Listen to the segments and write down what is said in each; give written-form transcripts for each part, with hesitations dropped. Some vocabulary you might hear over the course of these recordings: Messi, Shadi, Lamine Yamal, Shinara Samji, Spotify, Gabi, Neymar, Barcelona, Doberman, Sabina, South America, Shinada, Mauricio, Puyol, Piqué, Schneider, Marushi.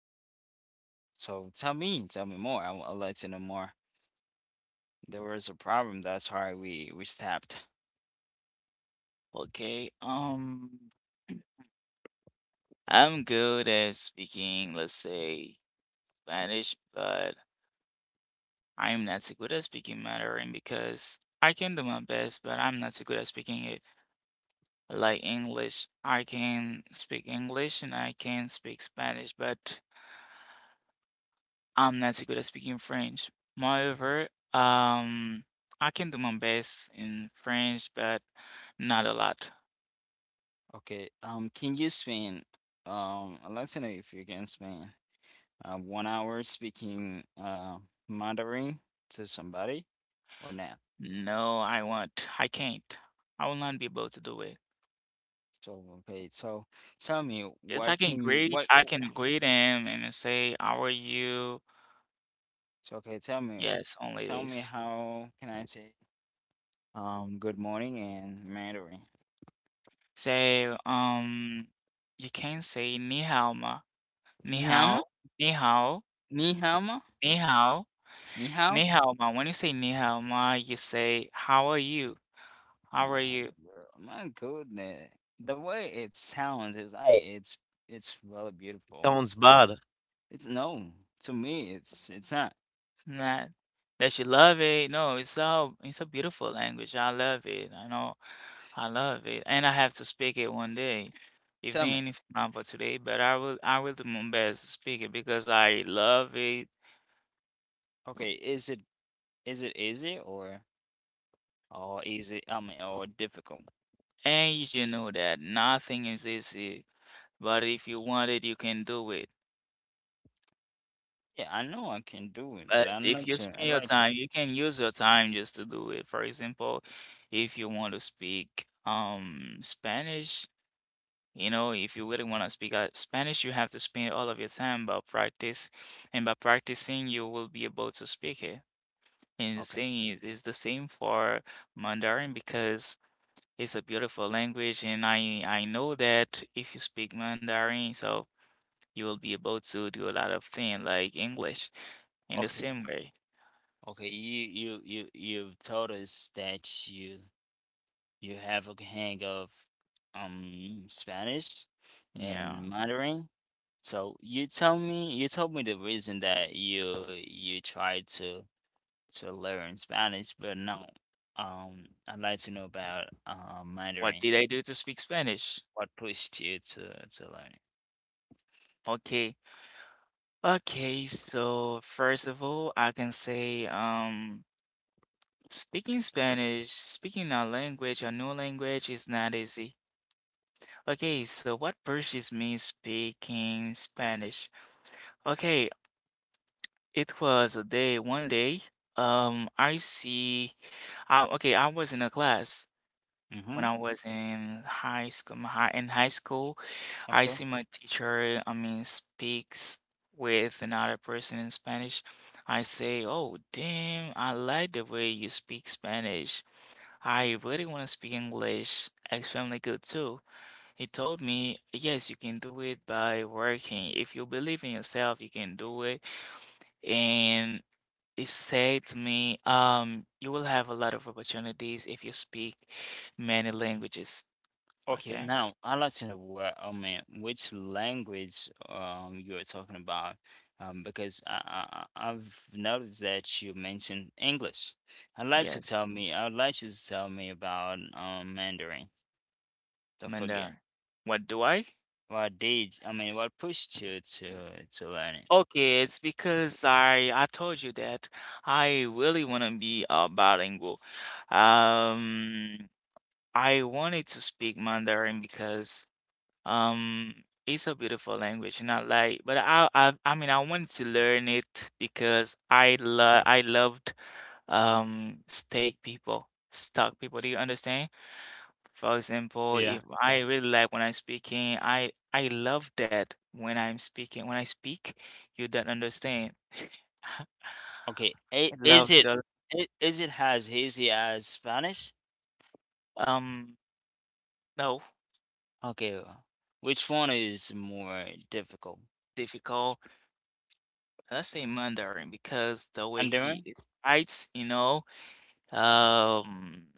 Mandarin. So tell me more. I would like to know more. There was a problem. That's why we stopped. Okay. Um, I'm good at speaking, let's say, Spanish, but I'm not so good at speaking Mandarin because I can do my best, but I'm not so good at speaking it like English. I can speak English and I can speak Spanish, but I'm not so good at speaking French. Moreover, um, I can do my best in French, but not a lot. Okay. Can you spin? I'd like to know if you can spin 1 hour speaking Mandarin to somebody or not. No, I won't. I can't. I will not be able to do it. So okay, so tell me, Yes, what can you, what? I can greet him and say, "How are you?" So okay, tell me Yes, only tell me this. how can I say good morning in Mandarin? Say, you can say "ni hao ma," "ni Ni hao ma? hao," "ni hao," Ni hao ma? "ni hao," Ni hao? "ni hao ma." When you say "ni hao ma," you say, "How are you?" "How My are you?" girl, my goodness, the way it sounds is like it's really beautiful. Sounds bad, as It's no to me. It's not. Nah, that you love it. No, it's so it's a beautiful language. I love it. I know I love it. And I have to speak it one day. Tell me, Even if not for today, but I will do my best to speak it because I love it. okay, is it easy, or? Or is it, I mean, or difficult? And you should know that nothing is easy, but if you want it, you can do it. Yeah, I know I can do it, but But I'm if not you sure I spend your like to. time, you can use your time just to do it. For example, if you want to speak Spanish. You know, if you really want to speak Spanish, you have to spend all of your time about practice, and by practicing, you will be able to speak it. And the Okay, same is, is the same for Mandarin because it's a beautiful language, and I know that if you speak Mandarin, so you will be able to do a lot of things like English in the okay, same way. okay. You've told us that you have a hang of Spanish Yeah. and Mandarin. So you tell me, you told me the reason that you tried to learn Spanish, but no. I'd like to know about Mandarin. What did I do to speak Spanish? What pushed you to learn it? Okay. Okay, so first of all, I can say Speaking Spanish, speaking a language, a new language is not easy. Okay, so what pushes me speaking Spanish? Okay, it was a day, one day, um, I see, okay, I was in a class Mm-hmm. when I was in high school, in high school, I Okay. see my teacher, I mean, speaks with another person in Spanish. I say, oh, damn, I like the way you speak Spanish. I really want to speak English extremely good too. He told me, yes, you can do it by working. If you believe in yourself, you can do it. And he said to me, you will have a lot of opportunities if you speak many languages. Okay, Okay. now I'd like to know what, I mean, which language you are talking about, because I've noticed that you mentioned English. Yes, I'd like you to tell me about Mandarin. Don't forget Mandarin. What do I? what did I mean, what pushed you to learn it? Okay, it's because I told you that I really want to be a bilingual. Um, I wanted to speak Mandarin because um it's a beautiful language, not like but I mean I wanted to learn it because I loved steak people, stock people. Do you understand? For example, Yeah. if I really like when I'm speaking, I love that when I'm speaking. When I speak, you don't understand. Okay. I i- love Is it. it i- is it as easy as Spanish? Um, no, Okay. Which one is more difficult? difficult. Let's say Mandarin because the way Mandarin? he writes, you know. Um,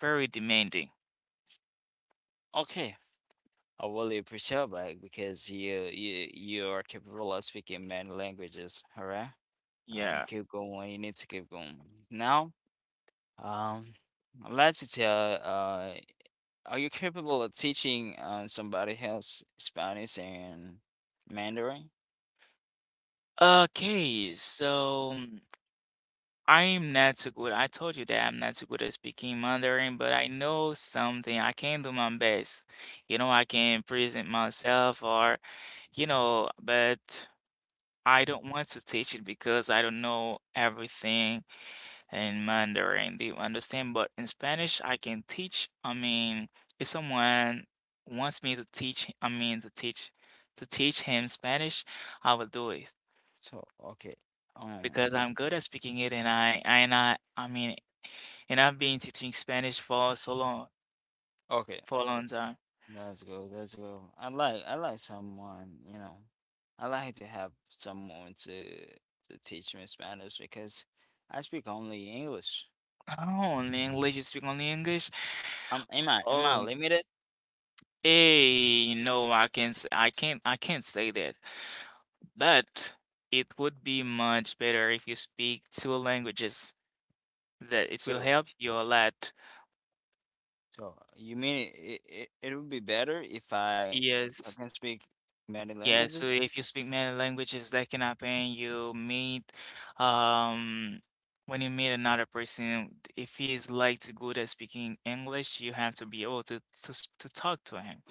Very demanding. Okay. I really appreciate that because you are capable of speaking many languages. All right, Yeah. keep going. You need to keep going. Now, um, let's tell, are you capable of teaching somebody else Spanish and Mandarin? Okay, so I'm not so good. I told you that I'm not so good at speaking Mandarin, but I know something. I can do my best. You know, I can present myself or, you know, but I don't want to teach it because I don't know everything in Mandarin, they understand. But in Spanish, I can teach. I mean, if someone wants me to teach, to teach him Spanish, I will do it So, okay. Um, because I'm good at speaking it, and I and I mean, and I've been teaching Spanish for so long okay. for a long time. Let's go, let's go. I like someone. I like to have someone to teach me Spanish because I speak only English. Oh, only English, you speak only English? Am I Oh, limited? hey, no, I can't say that. But it would be much better if you speak two languages. That it will So help you a lot. so you mean it would be better if I Yes. can speak many Yeah, so languages? if you speak many languages, that can happen. You meet, um, when you meet another person, if he is like too good at speaking English, you have to be able to talk to him.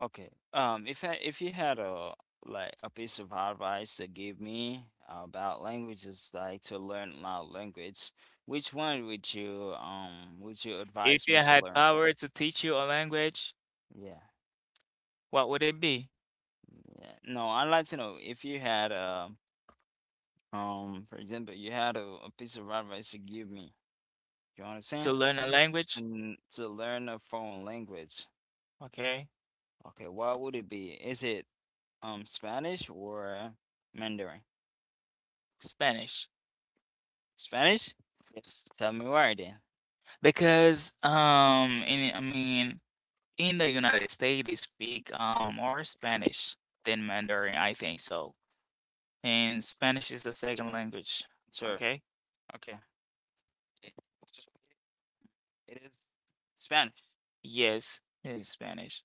Okay. If you had a, like, a piece of advice to give me about languages, like to learn a lot of language, which one would you advise If you me to had learn? power to teach you a language, Yeah. what would it be? Yeah. No, I'd like to know if you had a, for example, you had a piece of advice to give me. You To understand? learn a language? And to learn a foreign language. Okay, Okay, what would it be? Is it Spanish or Mandarin? Spanish. Spanish? Yes. Tell me why then. Because in I mean in the United States they speak more Spanish than Mandarin, I think so. And Spanish is the second language. Sure. Okay? Okay. It- So it is Spanish. Yes, in Spanish.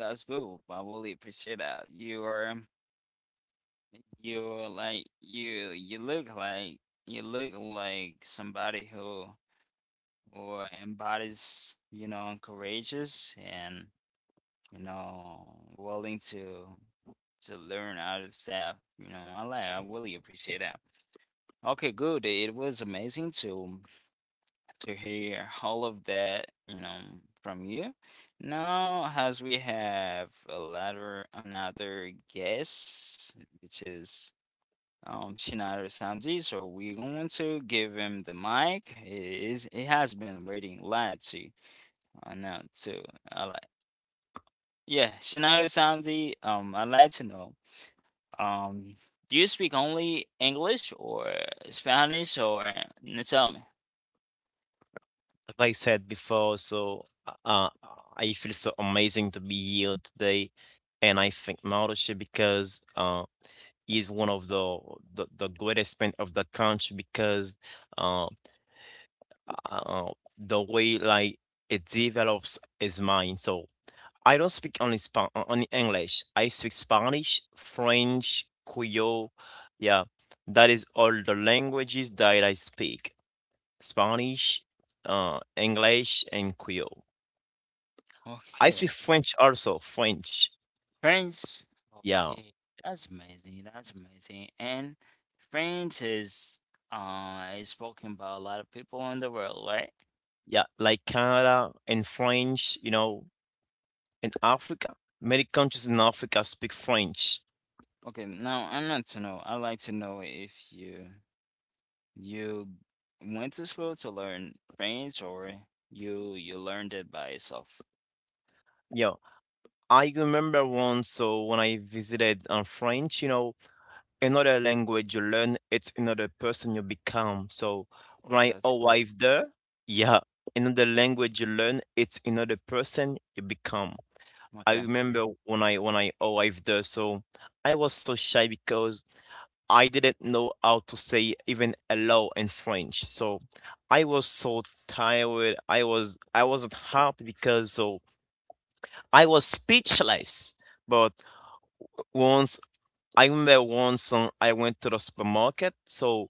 That's cool. I really appreciate that. You are like you. You look like somebody who embodies, courageous, and willing to learn out of stuff. You know, I like. I really appreciate that. Okay, good. It was amazing to hear all of that, from you. Now, as we have a latter, another guest, which is Shinara Samji, so we're going to give him the mic. He has been waiting a lot to, now to, I like, yeah, Shinara Samji. I'd like to know um. Do you speak only English or Spanish, or tell me? I said before. So uh, I feel so amazing to be here today, and I think Mauricio because he's one of the greatest man of the country because uh, uh, the way like it develops his mind. So I don't speak only Spa only English. I speak Spanish, French, Creole. Yeah, that is all the languages that I speak. Spanish, English, and Creole. I Okay. speak French also, French. Friends, Yeah, okay, that's amazing. That's amazing. And friends is spoken by a lot of people in the world, right? yeah, like Canada and French, you know, in Africa. Many countries in Africa speak French. Okay, now I'm not to know. I'd like to know if you went to school to learn French, or you learned it by yourself. Yeah, I remember once, so when I visited French, another language you learn, it's another person you become. So when Like I that's good. arrived there, yeah, another language you learn, it's another person you become. I Okay. remember when I arrived there, so I was so shy because I didn't know how to say even hello in French. So I was so tired. I wasn't happy because so I was speechless. But once I remember once I went to the supermarket. So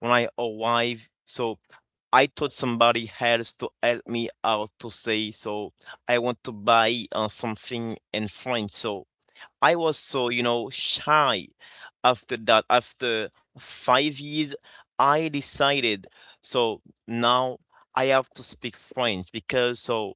when I arrived, so I told somebody else to help me out to say so I want to buy something in French. So I was so, shy. After that, after 5 years, I decided so now I have to speak French because so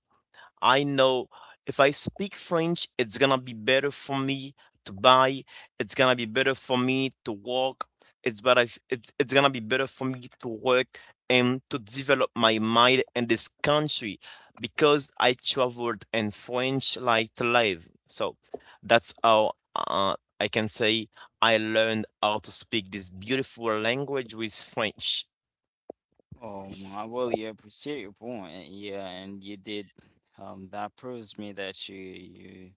I know if I speak French, it's gonna be better for me to buy. It's gonna be better for me to walk. It's better. It's gonna be better for me to work and to develop my mind in this country because I traveled in French like to live. So that's how I can say I learned how to speak this beautiful language with French. Oh, I really appreciate your point. Yeah, and you did. That proves me that you you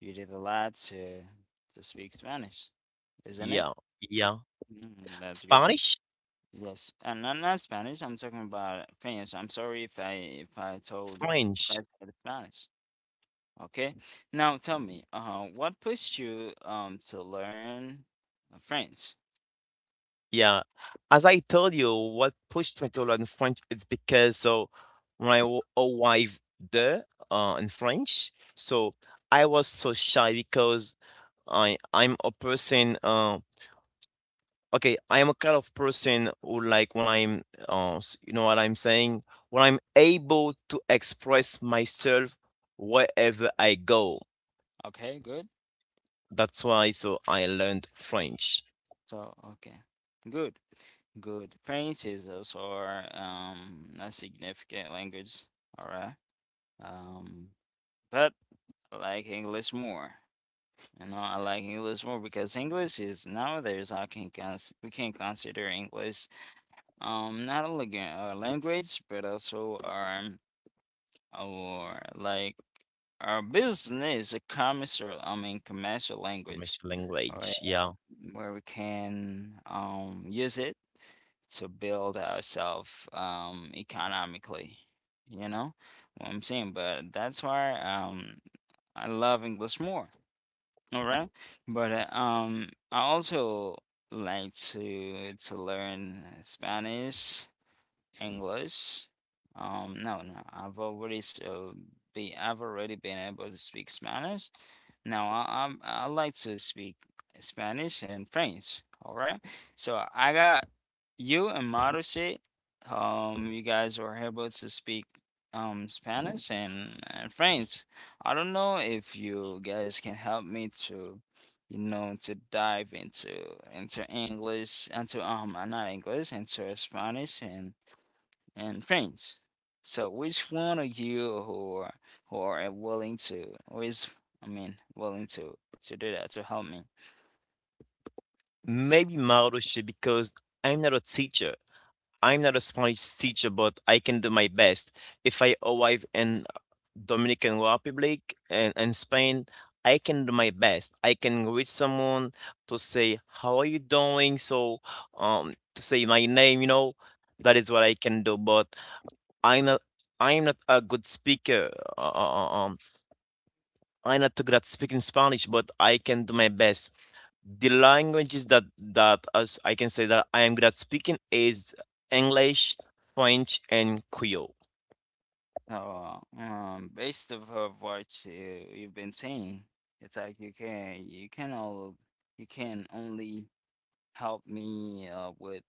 You did a lot to speak Spanish, isn't it? Yeah, yeah. Mm, that's good. Spanish, Yes, and not Spanish. I'm talking about French. I'm sorry if I told, if I French. said Spanish. Okay. Now tell me, what pushed you to learn French? Yeah. As I told you, what pushed me to learn French is because so when I arrived there in French, so I was so shy because I'm a person. Okay, I am a kind of person who like when I'm you know what I'm saying, when I'm able to express myself wherever I go. Okay, good. That's why so I learned French. So, okay. Good, good. French is also our a significant language, all right? Um, but I like English more. You know, I like English more because English is, nowadays, we can consider English, not only a language but also our, like, our business, a commercial, I mean, commercial language. French All right, language, yeah. where we can use it to build ourselves economically. You know what I'm saying, but that's why I love English more. All right. But I also like to learn Spanish English. No, no, I've already been able to speak Spanish. Now I like to speak Spanish and French. All right, so I got you and Marushi. You guys were able to speak Spanish and French. I don't know if you guys can help me, to dive into, English, into, not English, into Spanish and friends. So which one of you, who are willing to, who is, I mean, willing to do that, to help me? Maybe Maroche because I'm not a teacher. I'm not a Spanish teacher, but I can do my best. If I arrive in Dominican Republic and Spain, I can do my best. I can reach someone to say, "How are you doing?" So, to say my name, you know, that is what I can do. But I'm not. I'm not a good speaker. Uh, uh, uh, um, I'm not too good at speaking Spanish, but I can do my best. The languages that as I can say that I am good at speaking is English, French, and Creole. So, based off of what you've been saying, it's like you can only help me with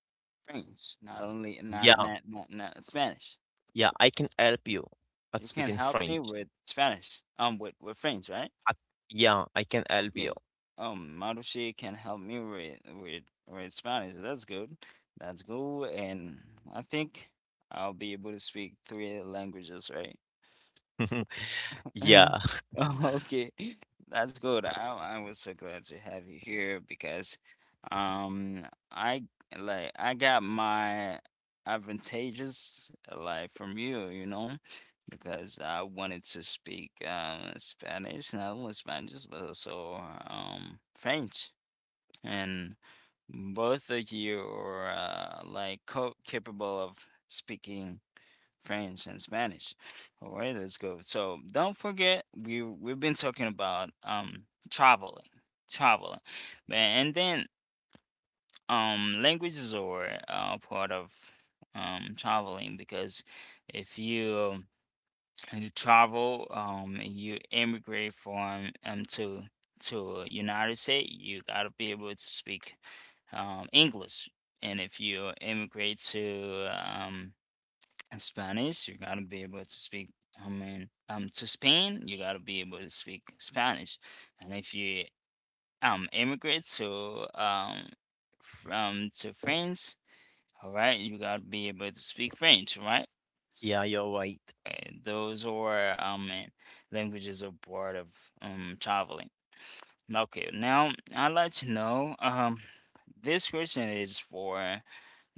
French, not only, Yeah, not Spanish. yeah, I can help you at You can speaking help me French. with Spanish, with French, right? At, yeah, I can help Yeah. you. Marushi can help me with Spanish. That's good. That's good. And I think I'll be able to speak three languages, right? Yeah, Mhm. Oh, okay. That's good. I was so glad to have you here because um I I got my advantages, like, from you, because I wanted to speak Spanish, not only Spanish, but also French, and both of you are, capable of speaking French and Spanish. All right, let's go. So don't forget, we've been talking about traveling, traveling, and then, languages are, part of traveling, because if you, and you travel, and you immigrate from to United States, you gotta be able to speak English. And if you immigrate to, Spanish, you gotta be able to speak, I mean, to Spain, you gotta be able to speak Spanish. And if you immigrate to France, all right, you gotta be able to speak French, right? yeah, you're right. Right. Those are, languages abroad of traveling. Okay, now I'd like to know, this question is for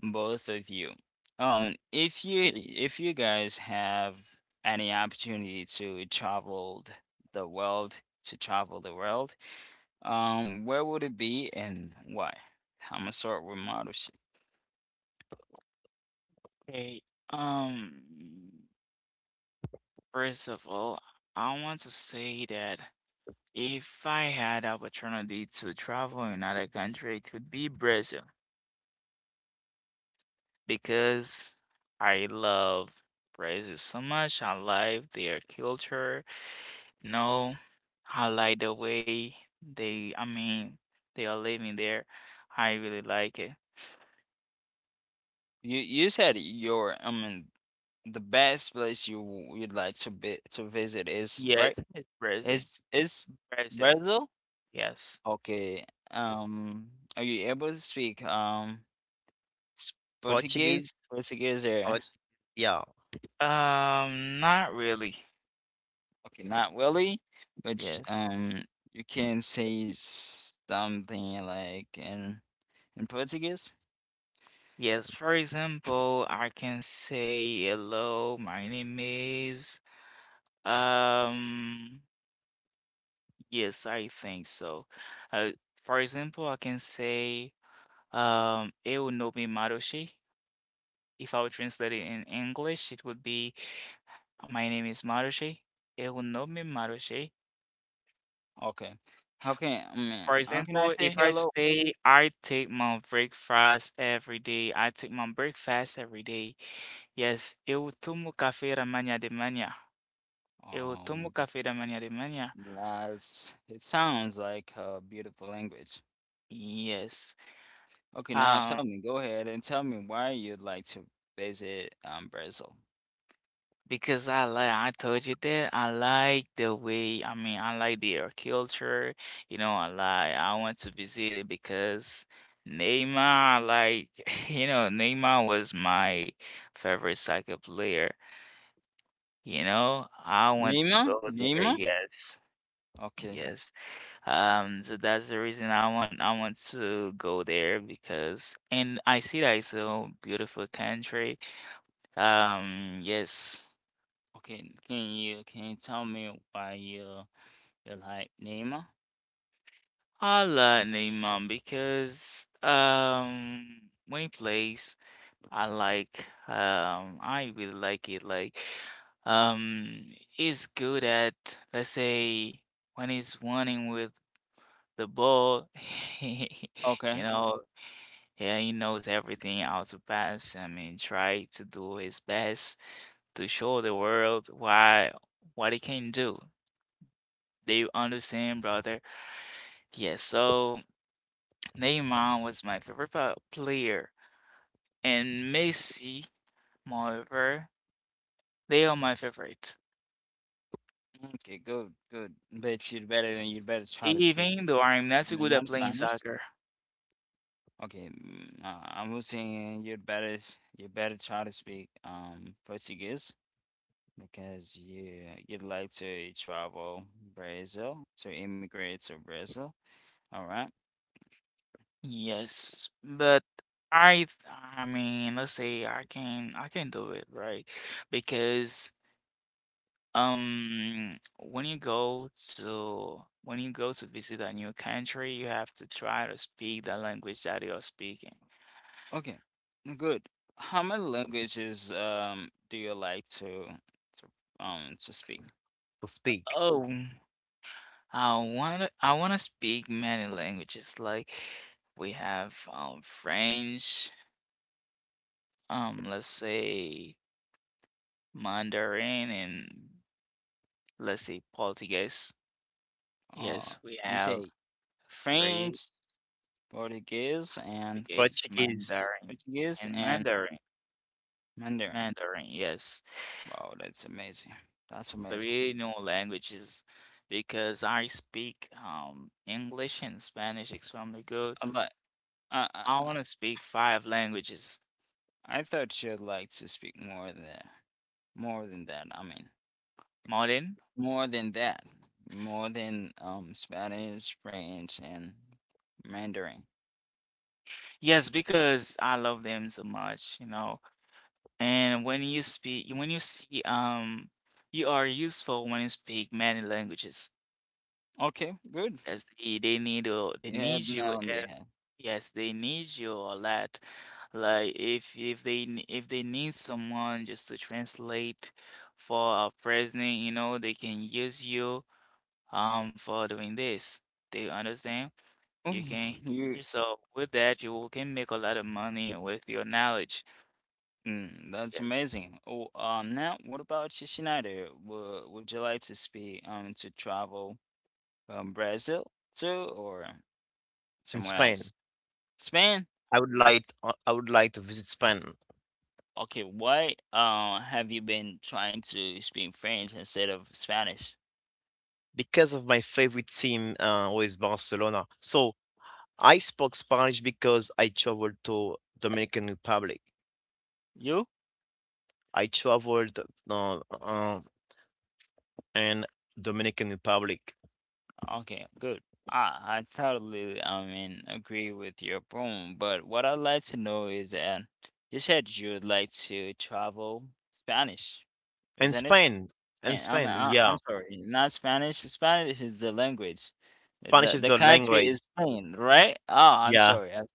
both of you. If you guys have any opportunity to travel the world, to travel the world, where would it be, and why? I'm gonna start with Maru. Okay. Um First of all, I want to say that if I had opportunity to travel in another country, it would be Brazil, because I love Brazil so much. I love their culture. You know, I like the way they, I mean, they are living there. I really like it. You said your, I mean, the best place you'd like to be, to visit, is, Yes, right? it's Brazil. Is Brazil. Brazil? Yes. Okay. Um, are you able to speak, s- Portuguese? Portuguese, Portuguese, or, Port- yeah. Not really. okay, not really, but Yes. You can say something like in, Portuguese. Yes, for example, I can say hello, my name is um yes, I think so. Uh, for example, I can say eu no mi Marushi. If I would translate it in English, it would be my name is Marushi. Eu no mi Marushi. Okay. How can I mean, For how can I example, say if I hello? say I take my breakfast every day, I take my breakfast every day. Yes, eu tomo café da manhã de manhã. Eu tomo Um, café da manhã de manhã. that's it sounds like a beautiful language. Yes. Okay, now Um, tell me, go ahead and tell me why you'd like to visit Brazil. because I like, I told you that I like the way, I mean, I like their culture, you know, I like, I want to visit it because Neymar, like, you know, Neymar was my favorite soccer player, you know, I want to Lima? go there, Lima? yes, Okay. yes. So that's the reason I want to go there because, and I see that it's a beautiful country. Yes. Okay, can you tell me why you like Lima? I love Hm. Neymar because when he plays, I like I really like it like he's good at, let's say, when he's running with the ball. Okay. You know, yeah, he knows everything how to pass, I mean, try to do his best to show the world why what he can do. Do you understand, brother? Yes, so Neymar was my favorite player, and Messi, moreover, they are my favorite. Okay, good, good. Bet you'd better than you'd better try to speak Even though I'm Spanish. not I so mean, good at not playing Spanish. soccer. Okay, I was saying, you better try to speak Portuguese, because you'd like to travel Brazil, to immigrate to Brazil. All right. Yes, but I, th- I mean, let's say I can do it, right? Because um, when you go when you go to visit a new country, you have to try to speak the language that you're speaking. Okay. Good. How many languages do you like to to speak? To speak Oh. I wanna speak many languages. Like we have French, um, let's say Mandarin, and let's say Portuguese. Uh, Yes, we you have say three, French, Portuguese, and Portuguese, Portuguese Mandarin, Portuguese and and Mandarin. Mandarin. Mandarin, yes. Wow, that's amazing. That's amazing. Three new languages because I speak English and Spanish extremely good. I like. I, I I wanna speak five languages. I thought you'd like to speak more than, that. I mean, Modern? more than that, more than Spanish, French, and Mandarin. Yes, because I love them so much, you know. And when you speak, when you see, you are useful when you speak many languages. Okay, good. Yes, they You need had that you. on the Uh, head. yes, they need you a lot. Like if they need someone just to translate for a president, you know, they can use you for doing this. They understand? Oh, You can. you. So with that, you can make a lot of money with your knowledge. Mm, that's Yes. amazing. Oh, now what about you, Schneider? Would you like to speak, to travel, Brazil too, or in somewhere Spain. else? Spain? I would like to visit Spain Okay, why, have you been trying to speak French instead of Spanish? because of my favorite team with Barcelona. So I spoke Spanish because I traveled to Dominican Republic. You? I traveled uh, uh, in Dominican Republic Okay, good. I totally, I mean, agree with your point, but what I'd like to know is that you said you'd like to travel Spanish, and isn't it? Spain. And Hey, I'm Spain, I I'm yeah. sorry, not Spanish. Spanish is the language. Spanish The is the the country language. is Spain, right? Oh, I'm Yeah. sorry. I'm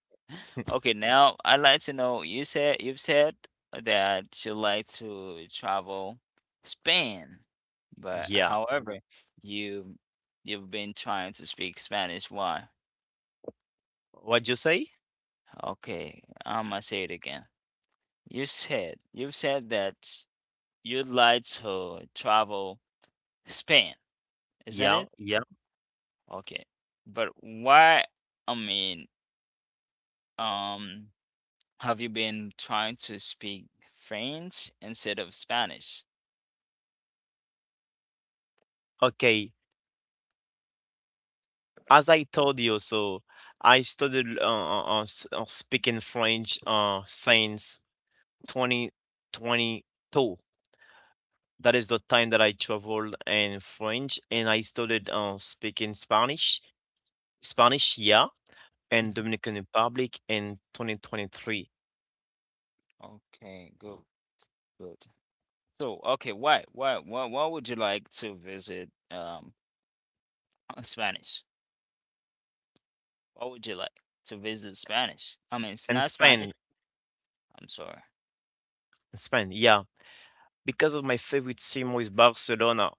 Okay, now I'd like to know, you've said that you like to travel Spain, but Yeah. however, you you've been trying to speak Spanish. Why? What you say? Okay, I'm gonna say it again. You've said that you'd like to travel Spain, isn't Yeah, it? yeah. Okay. But why, I mean, um, have you been trying to speak French instead of Spanish? Okay. As I told you, so I studied speaking French since 2022. That is the time that I traveled in French and I started speaking Spanish, Spanish, yeah, and Mhm. Dominican Republic in 2023. Okay, good, good. So, okay, why would you like to visit Spanish? What would you like to visit Spanish? I mean, it's And not Spanish. Spain, I'm sorry. Spain, yeah. Because of my favorite team with Barcelona,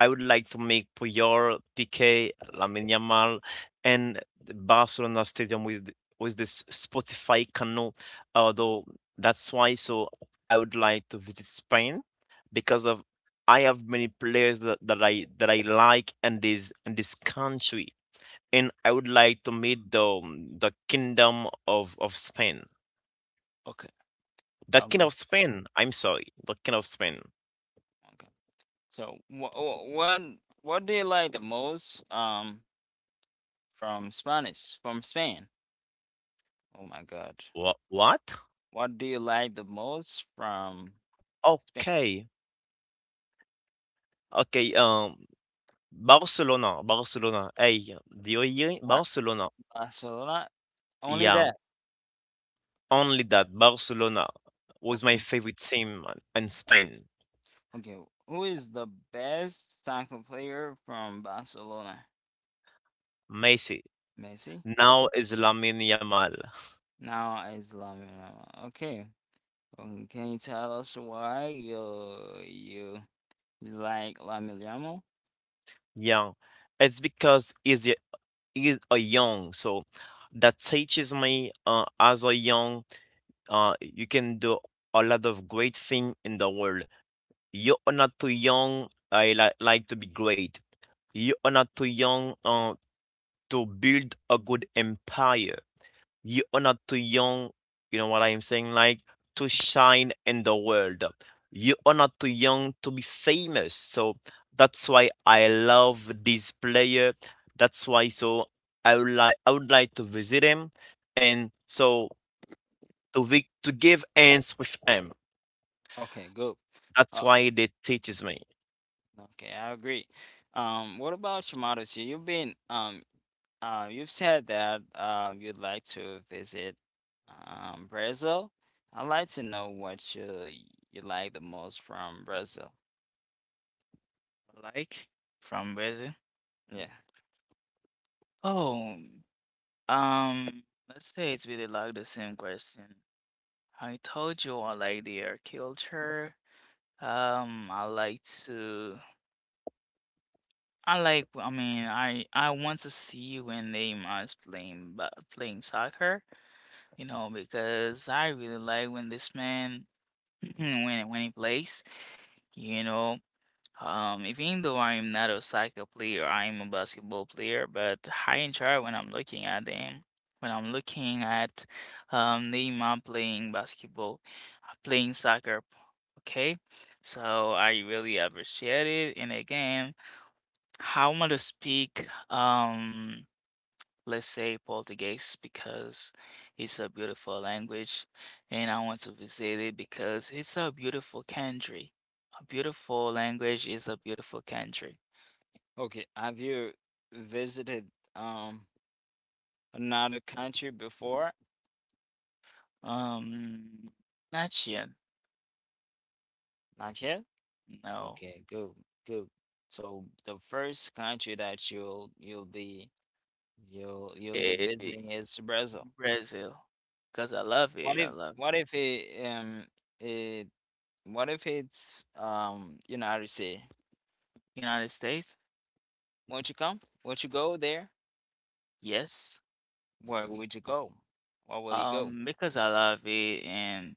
I would like to make Puyol, Piqué, Lamine Yamal, and the Barcelona Stadium with this Spotify canal. Although that's why, so I would like to visit Spain because of I have many players that I like in this country, and I would like to meet the the kingdom of Spain, Okay, the I'll king go. of Spain. I'm sorry, the king of Spain. Okay. So, what do you like the most from Spain? Oh my God. What? What do you like the most from Spain? Okay. Okay, Barcelona, Barcelona. Hey, do you hear it? Ba- Barcelona. Barcelona? Only Yeah, that. only that Barcelona was my Okay. favorite team in Spain. Okay. Who is the best soccer player from Barcelona? Messi. Messi? Now is Lamine Yamal. Now it's Lamine Yamal. Okay. Can you tell us why you like La Miliamo? Yeah, it's because he's a young, so that teaches me as a young, you can do a lot of great thing in the world. You are not too young. Like to be great. You are not too young to build a good empire. You are not too young. You know what I'm saying? Like to shine in the world. You are not too young to be famous. So that's why I love this player. That's why so I would like to visit him, and so to give hands with him. Okay, good. That's Oh, why they teaches me. okay, I agree. What about you, Marucci? You've said that you'd like to visit Brazil. I'd like to know what you like the most from Brazil. Like from Brazil? Yeah. Oh, um, let's say it's really like the same question. I told you I like their culture. I like to. I like. I mean, I want to see when they is playing soccer. You know, because I really like when this man when he plays. You know, um, even though I'm not a soccer player, I'm a basketball player, but I enjoy when I'm looking at them. When I'm looking at Neymar playing basketball, playing soccer, okay? So I really appreciate it. And again, I want to speak. Let's say Portuguese because it's a beautiful language and I want to visit it because it's a beautiful country. A beautiful language is a beautiful country. Okay. Have you visited um another country before? Um, not yet, Not yet? no. Okay, good, good. So the first country that you'll be Eh, visiting is Brazil. Brazil, because I love it. I love What if it it what if it's you know how to say, United States, won't you come? Won't you go there? yes. Where would you go? Where will you go? Because I love it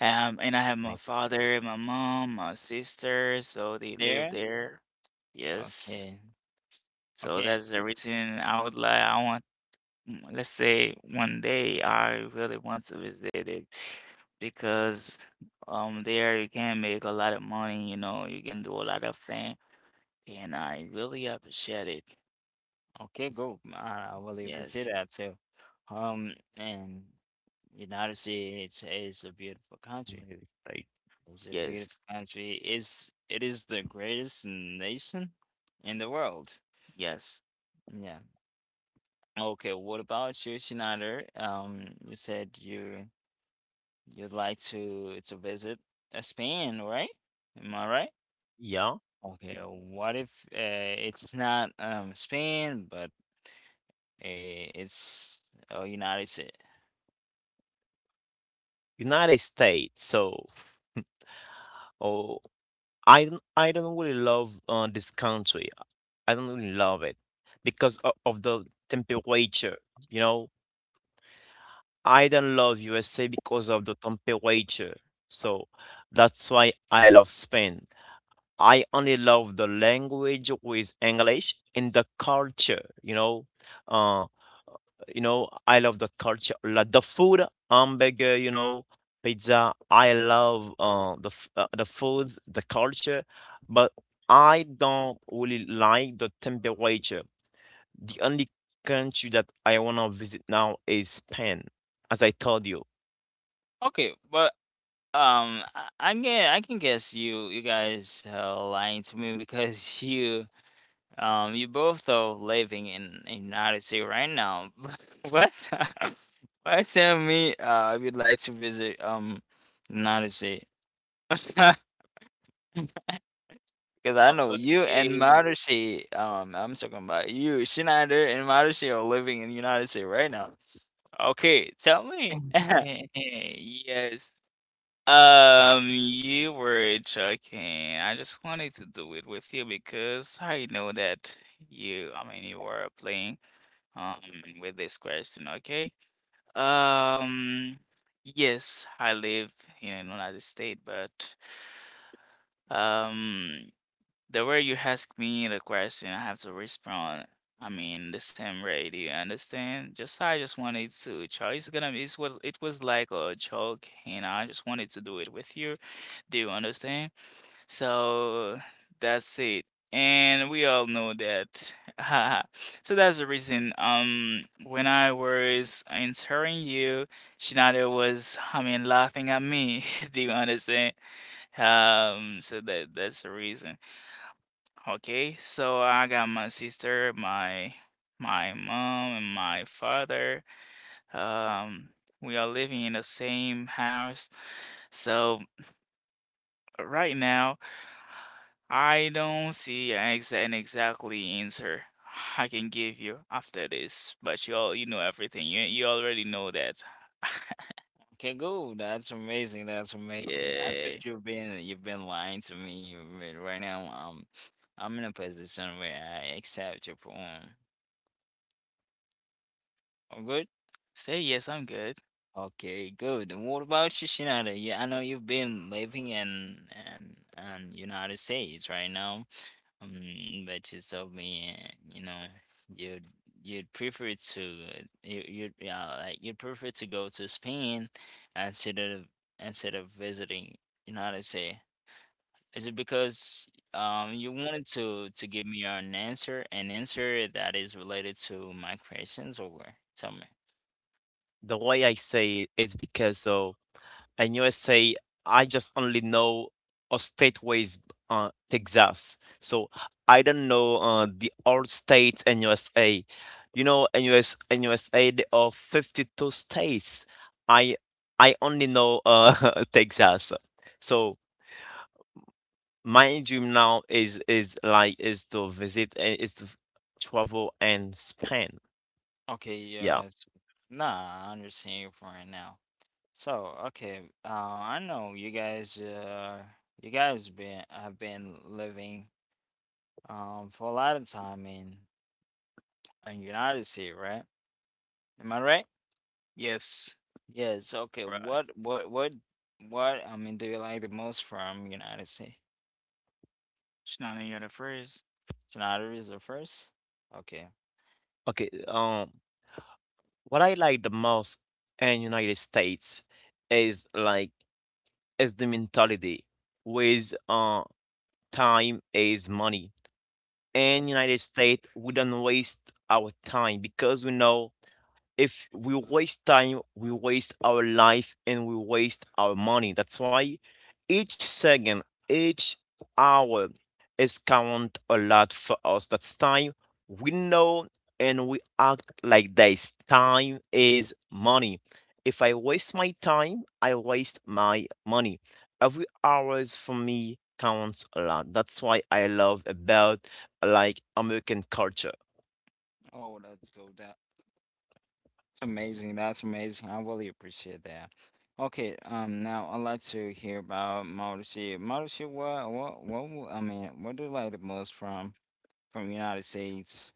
and I have my Nice. father, my mom, my sister, so they live There? there. Yes. Okay. So Okay. that's the reason I want, mm, let's say one day I really want to visit it because there you can make a lot of money, you know, you can do a lot of things, and I really appreciate it. Okay, go. I really appreciate Yes, that too. And you know how to say, it's a beautiful country. Nice. Right. It's a beautiful yes, country. Is it is the greatest nation in the world. yes. Yeah. Okay, what about you, Shinada? You said you'd like to visit Spain, right? Am I right? Yeah. Okay, what if it's not Spain, but it's United States? United States. So, oh, I don't really love this country. I don't really love it because of the temperature. You know, I don't love USA because of the temperature. So that's why I love Spain. I only love the language with English and the culture. Uh, I love the culture, like the food, hamburger, pizza. I love the foods, the culture, but I don't really like the temperature. The only country that I wanna visit now is Spain, as I told you. Okay, but I can guess you guys lying to me because you. You both though living in Odyssey right now. What? Why tell me if would like to visit in Odyssey? Because I know you and Okay. Marushi, I'm talking about you, Schneider and Marushi are living in the United States right now. Okay, tell me. Yes. You were joking. I just wanted to do it with you because I know that you, I mean, you were playing, um, with this question, okay? Um, yes, I live in an United States, but um, the way you ask me the question, I have to respond. I mean, the same way. Do you understand? Just I just wanted to try. It's gonna be. It's what it was like a joke, and I just wanted to do it with you. Do you understand? So that's it. And we all know that. So that's the reason. When I was answering you, Shinada was, laughing at me. Do you understand? So that's the reason. Okay. So I got my sister, my mom, and my father. Um, we are living in the same house. So right now, I don't see an exactly answer I can give you after this, but you know everything. You already know that. Okay, cool. That's amazing. That's amazing. I Yeah. bet you've been lying to me. But Right now, I'm in a position where I accept your poem. Oh, good. Say yes, I'm good. Okay, good. And what about you, Shinada? Yeah, I know you've been living in and United States right now, um, but you told me, you'd you'd prefer to you you'd yeah like you'd prefer to go to Spain instead of instead of visiting United States. Is it because you wanted to give me an answer that is related to my questions, or tell me? The way I say it is because of and USA, I just only know stateways, Texas. So I don't know the old states in USA. You know, in US, in USA, there are 52 states. I I only know Texas. So my dream now is like is to travel and Spain. Okay, Yeah. Nah, I understand your point now. So, okay, I know you guys been have been living, for a lot of time in United States, right? Am I right? Yes. Yes. Okay. Right. What, what? I mean, do you like the most from United States? She's not any other phrase. United is the first. Okay. Okay, what I like the most in United States is like is the mentality with time is money. In United States, we don't waste our time because we know if we waste time, we waste our life and we waste our money. That's why each second, each hour is count a lot for us. That's time we know and we act like this. Time is money. If I waste my time, I waste my money. Every hours for me counts a lot. That's why I love about like American culture. Oh, let's go. That. Amazing. That's amazing. I really appreciate that. Okay, now I'd like to hear about Mauricio. Mauricio, I mean, what do you like the most from United States?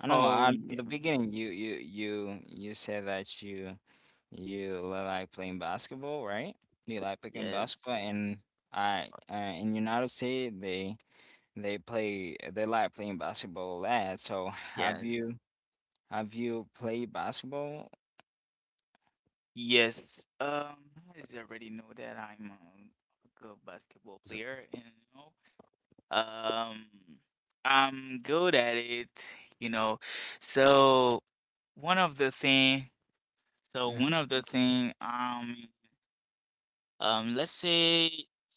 I know, Oh at yeah. the beginning you said that you like playing basketball, right? You like playing basketball, Yes. and I in United States they play they like playing basketball a lot. So have Yes. you have you played basketball? Yes. I already know that I'm a good basketball Is it- player, and you know. Um, I'm good at it, you know. So one of the thing, Yeah. one of the thing, let's say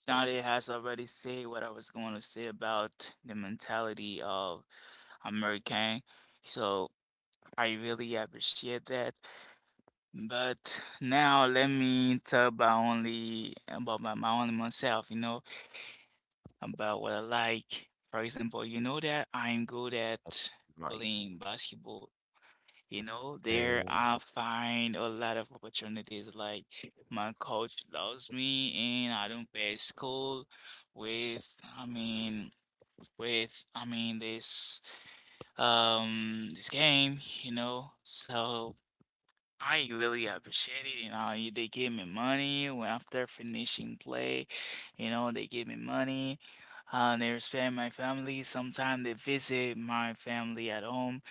Shadi has already said what I was going to say about the mentality of American. So I really appreciate that. But now let me talk about only about my, my only myself, you know, about what I like. For example, you know that I'm good at My playing basketball. You know, there uh, I find a lot of opportunities. Like my coach loves me and I don't pay school with, I mean, with this game, you know. So I really appreciate it. You know, they gave me money when after finishing play. You know, they gave me money. They respect my family. Sometimes they visit my family at home.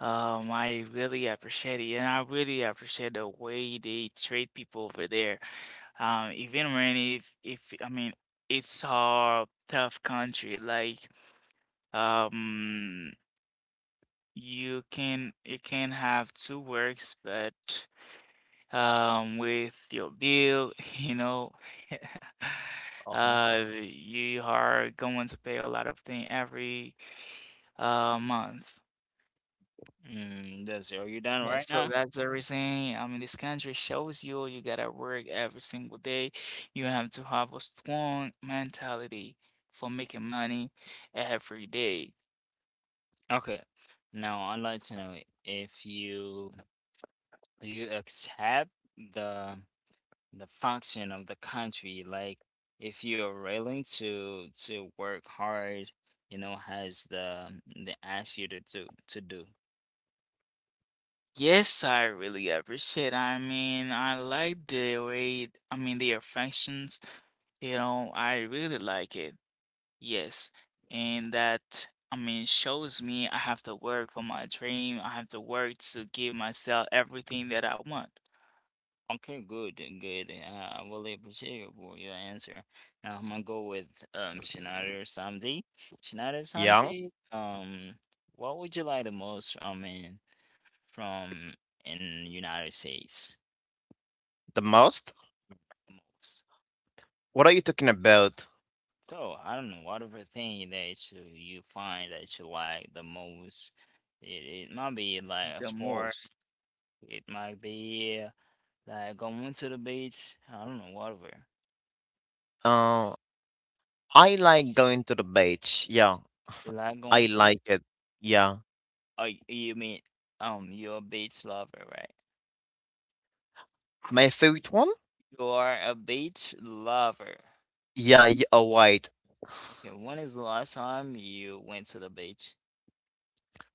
I really appreciate it, and I really appreciate the way they treat people over there. Even when if I mean it's a tough country, like um, you can have two works, but with your bill, you know, Okay. You are going to pay a lot of things every month. That's it. Are you done Yeah, right so now? that's the reason. I mean, this country shows you you gotta work every single day. You have to have a strong mentality for making money every day. Okay. Now I'd like to know if you accept the the function of the country, like if you're willing to work hard, has the they ask you to do. Yes, I really appreciate. I mean, I like the way, I mean, the affections, you know, I really like it. Yes, and that I mean shows me I have to work for my dream. I have to work to give myself everything that I want Okay, good, good. I really appreciate you for your answer. Now I'm gonna go with Shinada Samdi. Shinada young Samdi, um, what would you like the most? I mean, from in United States the most? most. What are you talking about? So I don't know whatever thing that you find that you like the most. It might be like the a sport. most. It might be like going to the beach. I don't know whatever. Uh, I like going to the beach. Yeah, You like I going to? like it. Yeah. Oh, you mean you're a beach lover, right? My favorite one? You are a beach lover. Yeah, yeah, right. Okay, when is the last time you went to the beach?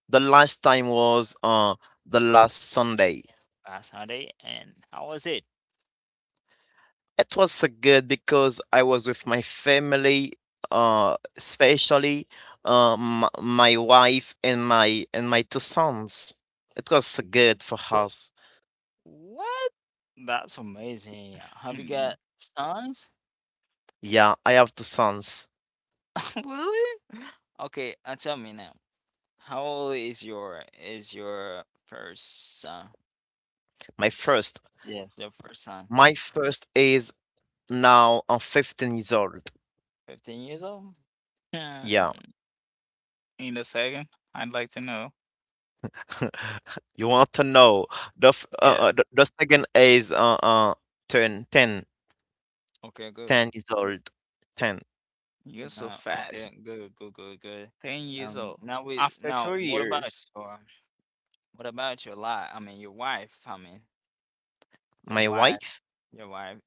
The last time was the last Sunday. Last Sunday, and how was it? It was so good because I was with my family, especially my wife and my two sons. It was so good for us. What? That's amazing. Have you Hmm. got sons? Yeah, I have two sons. Really? Okay, tell me now. How old is your first son? My first, Yes, your first son. my first is now I 15 years old. 15 years old? Hmm. Yeah, In a second, I'd like to know. you want to know the f- Yeah, uh, uh, the, the second is turn 10, Okay, good. 10 years old, 10. you're so Now, fast. okay, good, good, good, good. 10 years Um, old. now we After two now years, your what about your life? I mean, your wife. I mean, your My wife, wife, your wife.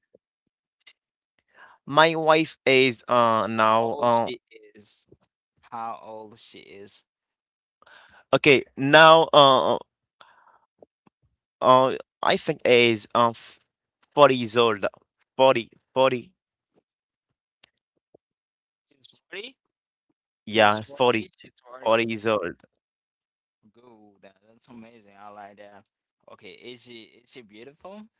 my wife is now How old she is? How old she is? okay now uh, I think is 40 years old, 40 40, She's 40? yeah, She's 40 40, she's 40 40. years old. Good. That's amazing. I like that. Okay, is she beautiful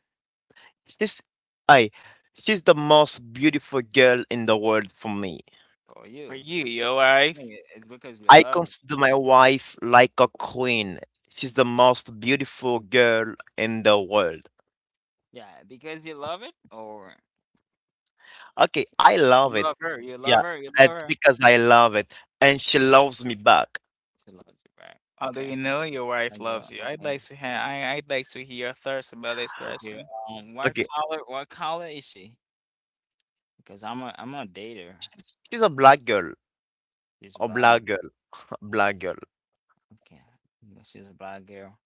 She's I she's the most beautiful girl in the world for me. or for you? you, your I wife. think it's because we I love her. consider my wife like a queen. She's the most beautiful girl in the world. Yeah, because you love it or Okay, I love you it. love her, you Yeah, love her, you love it's her. because I love it, and she loves me back. She loves you, right? How do you Okay. know your wife I loves go, you? I'd okay. like to have. I'd like to hear your thoughts about this Okay. question. Okay, What color is she? Because I'm a dater. she's, she's a black girl, She's a black. black girl, a black girl. Okay. Yeah, she's a black girl.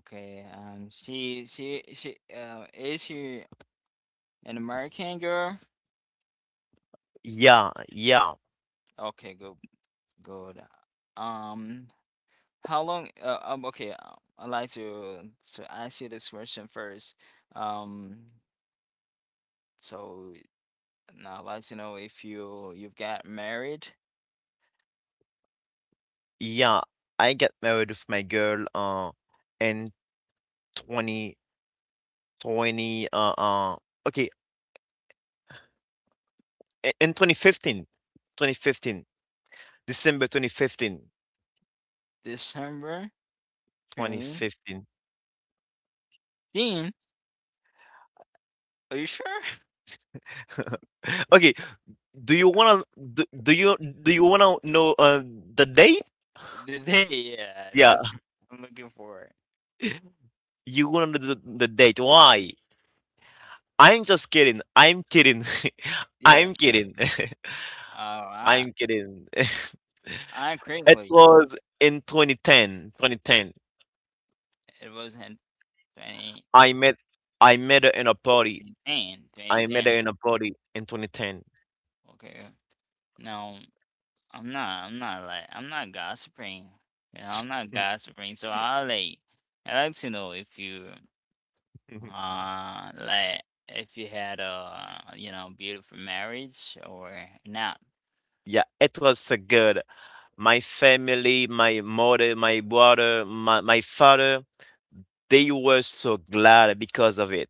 Okay. She is she an American girl? Yeah, yeah, Okay, good. Good. Um, how long? Okay, I'd like to ask you this question first. Um, so now I'd like to know if you've got married yeah. I get married with my girl. In 2020. Okay, in 2015, December 2015. December 2018. 2015. Are you sure? Okay, do you wanna do you wanna know the date? The day, yeah, Yeah, that's what I'm looking for. you wanna know the date. Why? I'm just kidding. I'm kidding. Yeah. I'm kidding. Uh, I I'm kidding. I It correctly. was in 2010. 2010. It was in I met I met her in a party. 2010, I met her 2010. in a party in 2010. Okay. Now, I'm not, like, I'm not gossiping. You know, I'm not gossiping. So I like to know if you like, if you had a beautiful marriage or not. Yeah, it was so good. My family, my mother, my brother, my father, they were so glad because of it.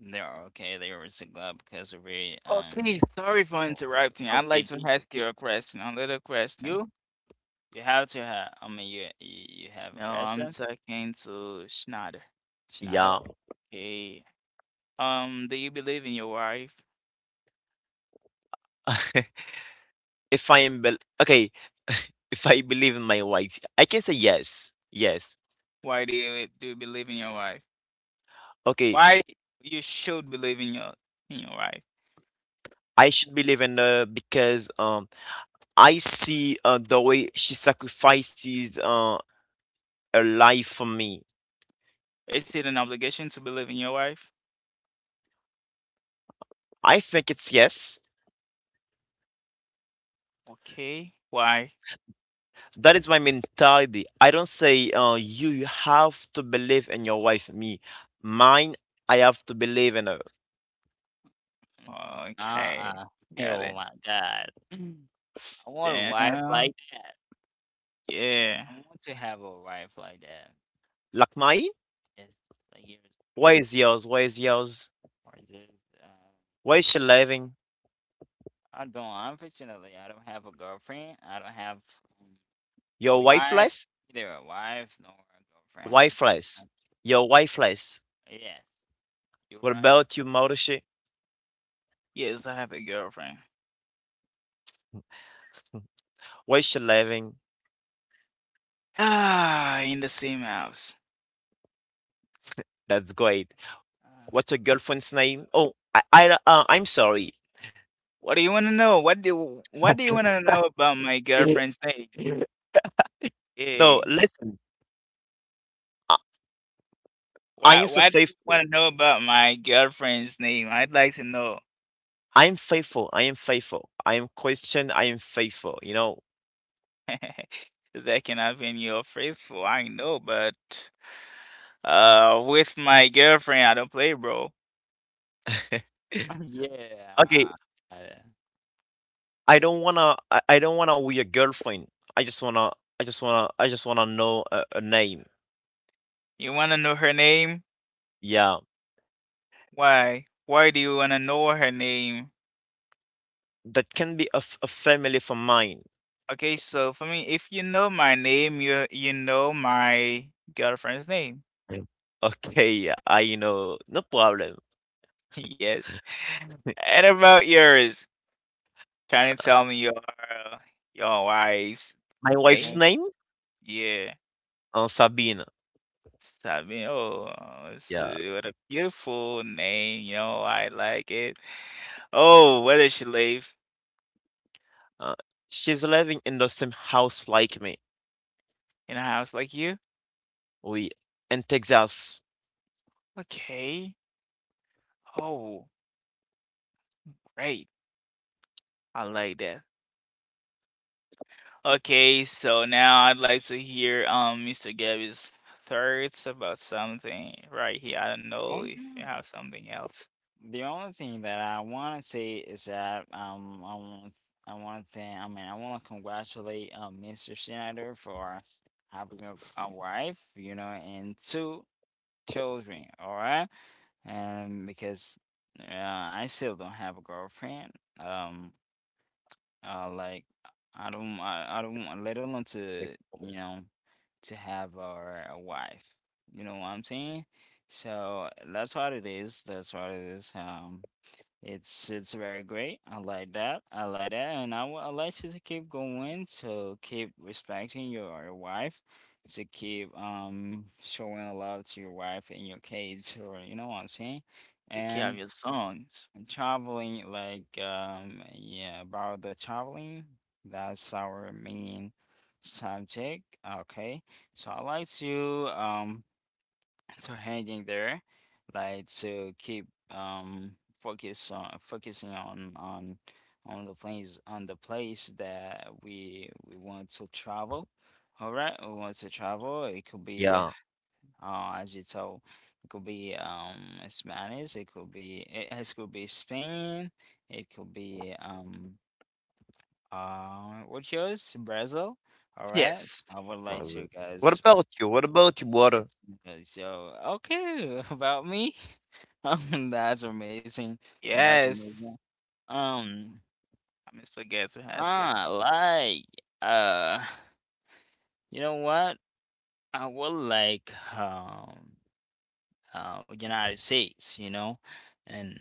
They're okay, they were single up because of it. Okay, sorry for so- interrupting. I'd okay, like to did, ask you did a question, a little question. you have to have, I mean, you have a No, I'm question? talking to Schneider. Yeah. Schneider? Okay. Do you believe in your wife? if I am bel- okay, If I believe in my wife, I can say yes. Yes. Why do you believe in your wife? Okay. Why you should believe in your wife? I should believe in her because I see the way she sacrifices her life for me. Is it an obligation to believe in your wife? I think it's yes. Okay. Why? That is my mentality. I don't say you have to believe in your wife, me. Mine, I have to believe in her. Uh Okay. uh Got oh it. my god. I want a wife Damn. like that. Yeah. I want to have a wife like that. Like mine? It's like years Why is yours? Why is yours? apart. Just, Why is she living? I don't. Unfortunately, I don't have a girlfriend. I don't have um, a Your wife wife, less? either a wife nor a girlfriend. Wi-Fi's. unfortunately. Your Wi-Fi's. Yes, you're What right. about you, Marushi? Yes, I have a girlfriend. Where's she living? Ah, in the same house. That's great. What's your girlfriend's name? Oh, I'm sorry. What do you want to know? What do you want to know about my girlfriend's name? No, Yeah. listen. I, I am so Why do you faithful. want to know about my girlfriend's name? I'd like to know. I am faithful. I am faithful. I am Christian. I am faithful. You know. That can have been your faithful, I know, but with my girlfriend, I don't play, bro. Okay. yeah. Uh, I don't wanna. I don't wanna be your girlfriend. I just wanna. I just wanna know a name. You want to know her name? Yeah, Why? Why do you want to know her name? that can be a family for mine. Okay, so for me, if you know my name, you know my girlfriend's name. Okay, I know. No problem. Yes. And about yours, can you tell me your wife's My like, wife's name? name, Yeah. Sabina. Sabi, oo, it's Yeah. What a beautiful name, you know, I like it. Oh, where does she live? Uh, she's living in the same house like me. In a house like you? We in Texas. Okay. Oh, great. I like that. Okay, so now I'd like to hear Mr. Gabby's thoughts about something right here. I don't know if okay. you have something else The only thing that I want to say is that I want to thank. I mean, I want to congratulate Mr. Schneider for having a wife, and two children, all right? And because I still don't have a girlfriend. Um, like I don't want, let alone to, you April. know, to have our a wife. You know what I'm saying? So that's what it is. That's what it is. It's very great. I like that. I like that, and I would like you to keep going, to keep respecting your wife, to keep showing love to your wife and your kids, or you know what I'm saying, to carry and your songs. traveling like yeah, about the traveling. That's our main subject. Okay, so I like to so hanging there, like to keep um focusing on on the place that we want to travel. All right, we want to travel. It could be Yeah. As you told, it could be Spanish. It could be Spain. It could be what yours Brazil. All right, Yes. I would like Probably. to What guys about you? What about you, Water? it's good. So, okay, about me. That's amazing. That's amazing. Yes. Um, I misforget to ask it. I like, uh, you know what? I would like, United States, and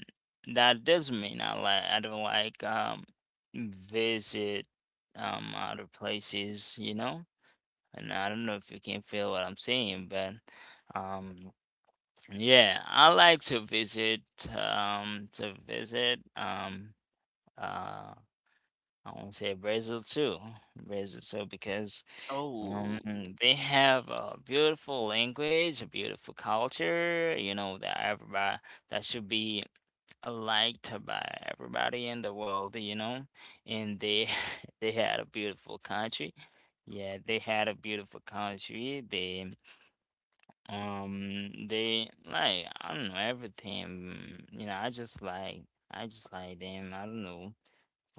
that doesn't mean I don't like, visit, other places, and I don't know if you can feel what I'm saying, but, um, yeah, I like to visit uh I want to say Brazil too. Brazil too because um Oh, they have a beautiful language, a beautiful culture, that should be liked by everybody in the world. And they they had a beautiful country. Yeah, they had a beautiful country. They like, I don't know everything. You know, I just like them. I don't know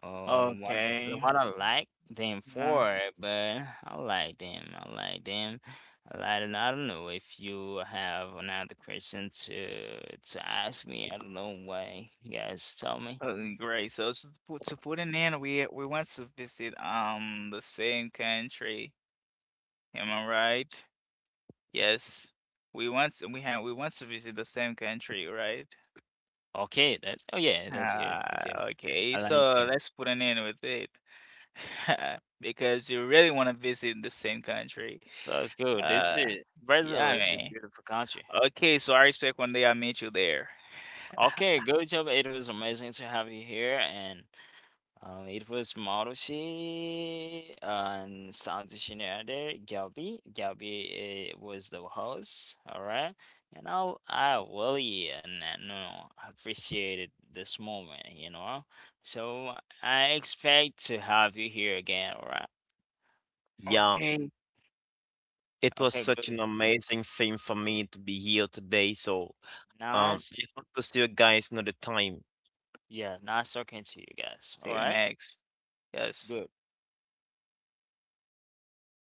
um what okay. what I like them Uh, for, but I like them. I like them. I like them. I don't know if you have another question to ask me. I don't know why you guys tell me. oh, great. So to put an end, we want to visit the same country. Am I right? Yes. We have we want to visit the same country, right? Okay, that's oh yeah, that's good. That's good. Ah, okay. I like So to. let's put an end with it. Because you really want to visit the same country. That's good. Uh, This is Brazil yeah, is a man. beautiful country. Okay, so I expect one day I meet you there. Okay, good job. It was amazing to have you here, and it was Marushi and sound engineer there, Gabi. Gabi was the host. All right, and I really and no appreciated this moment, you know. So I expect to have you here again. All right. Yeah. Okay. It was Okay. such good. an amazing thing for me to be here today. So, Nice. it was to see you guys another time. Yeah, nice talking to you guys. See All you right. next. Yes. Good.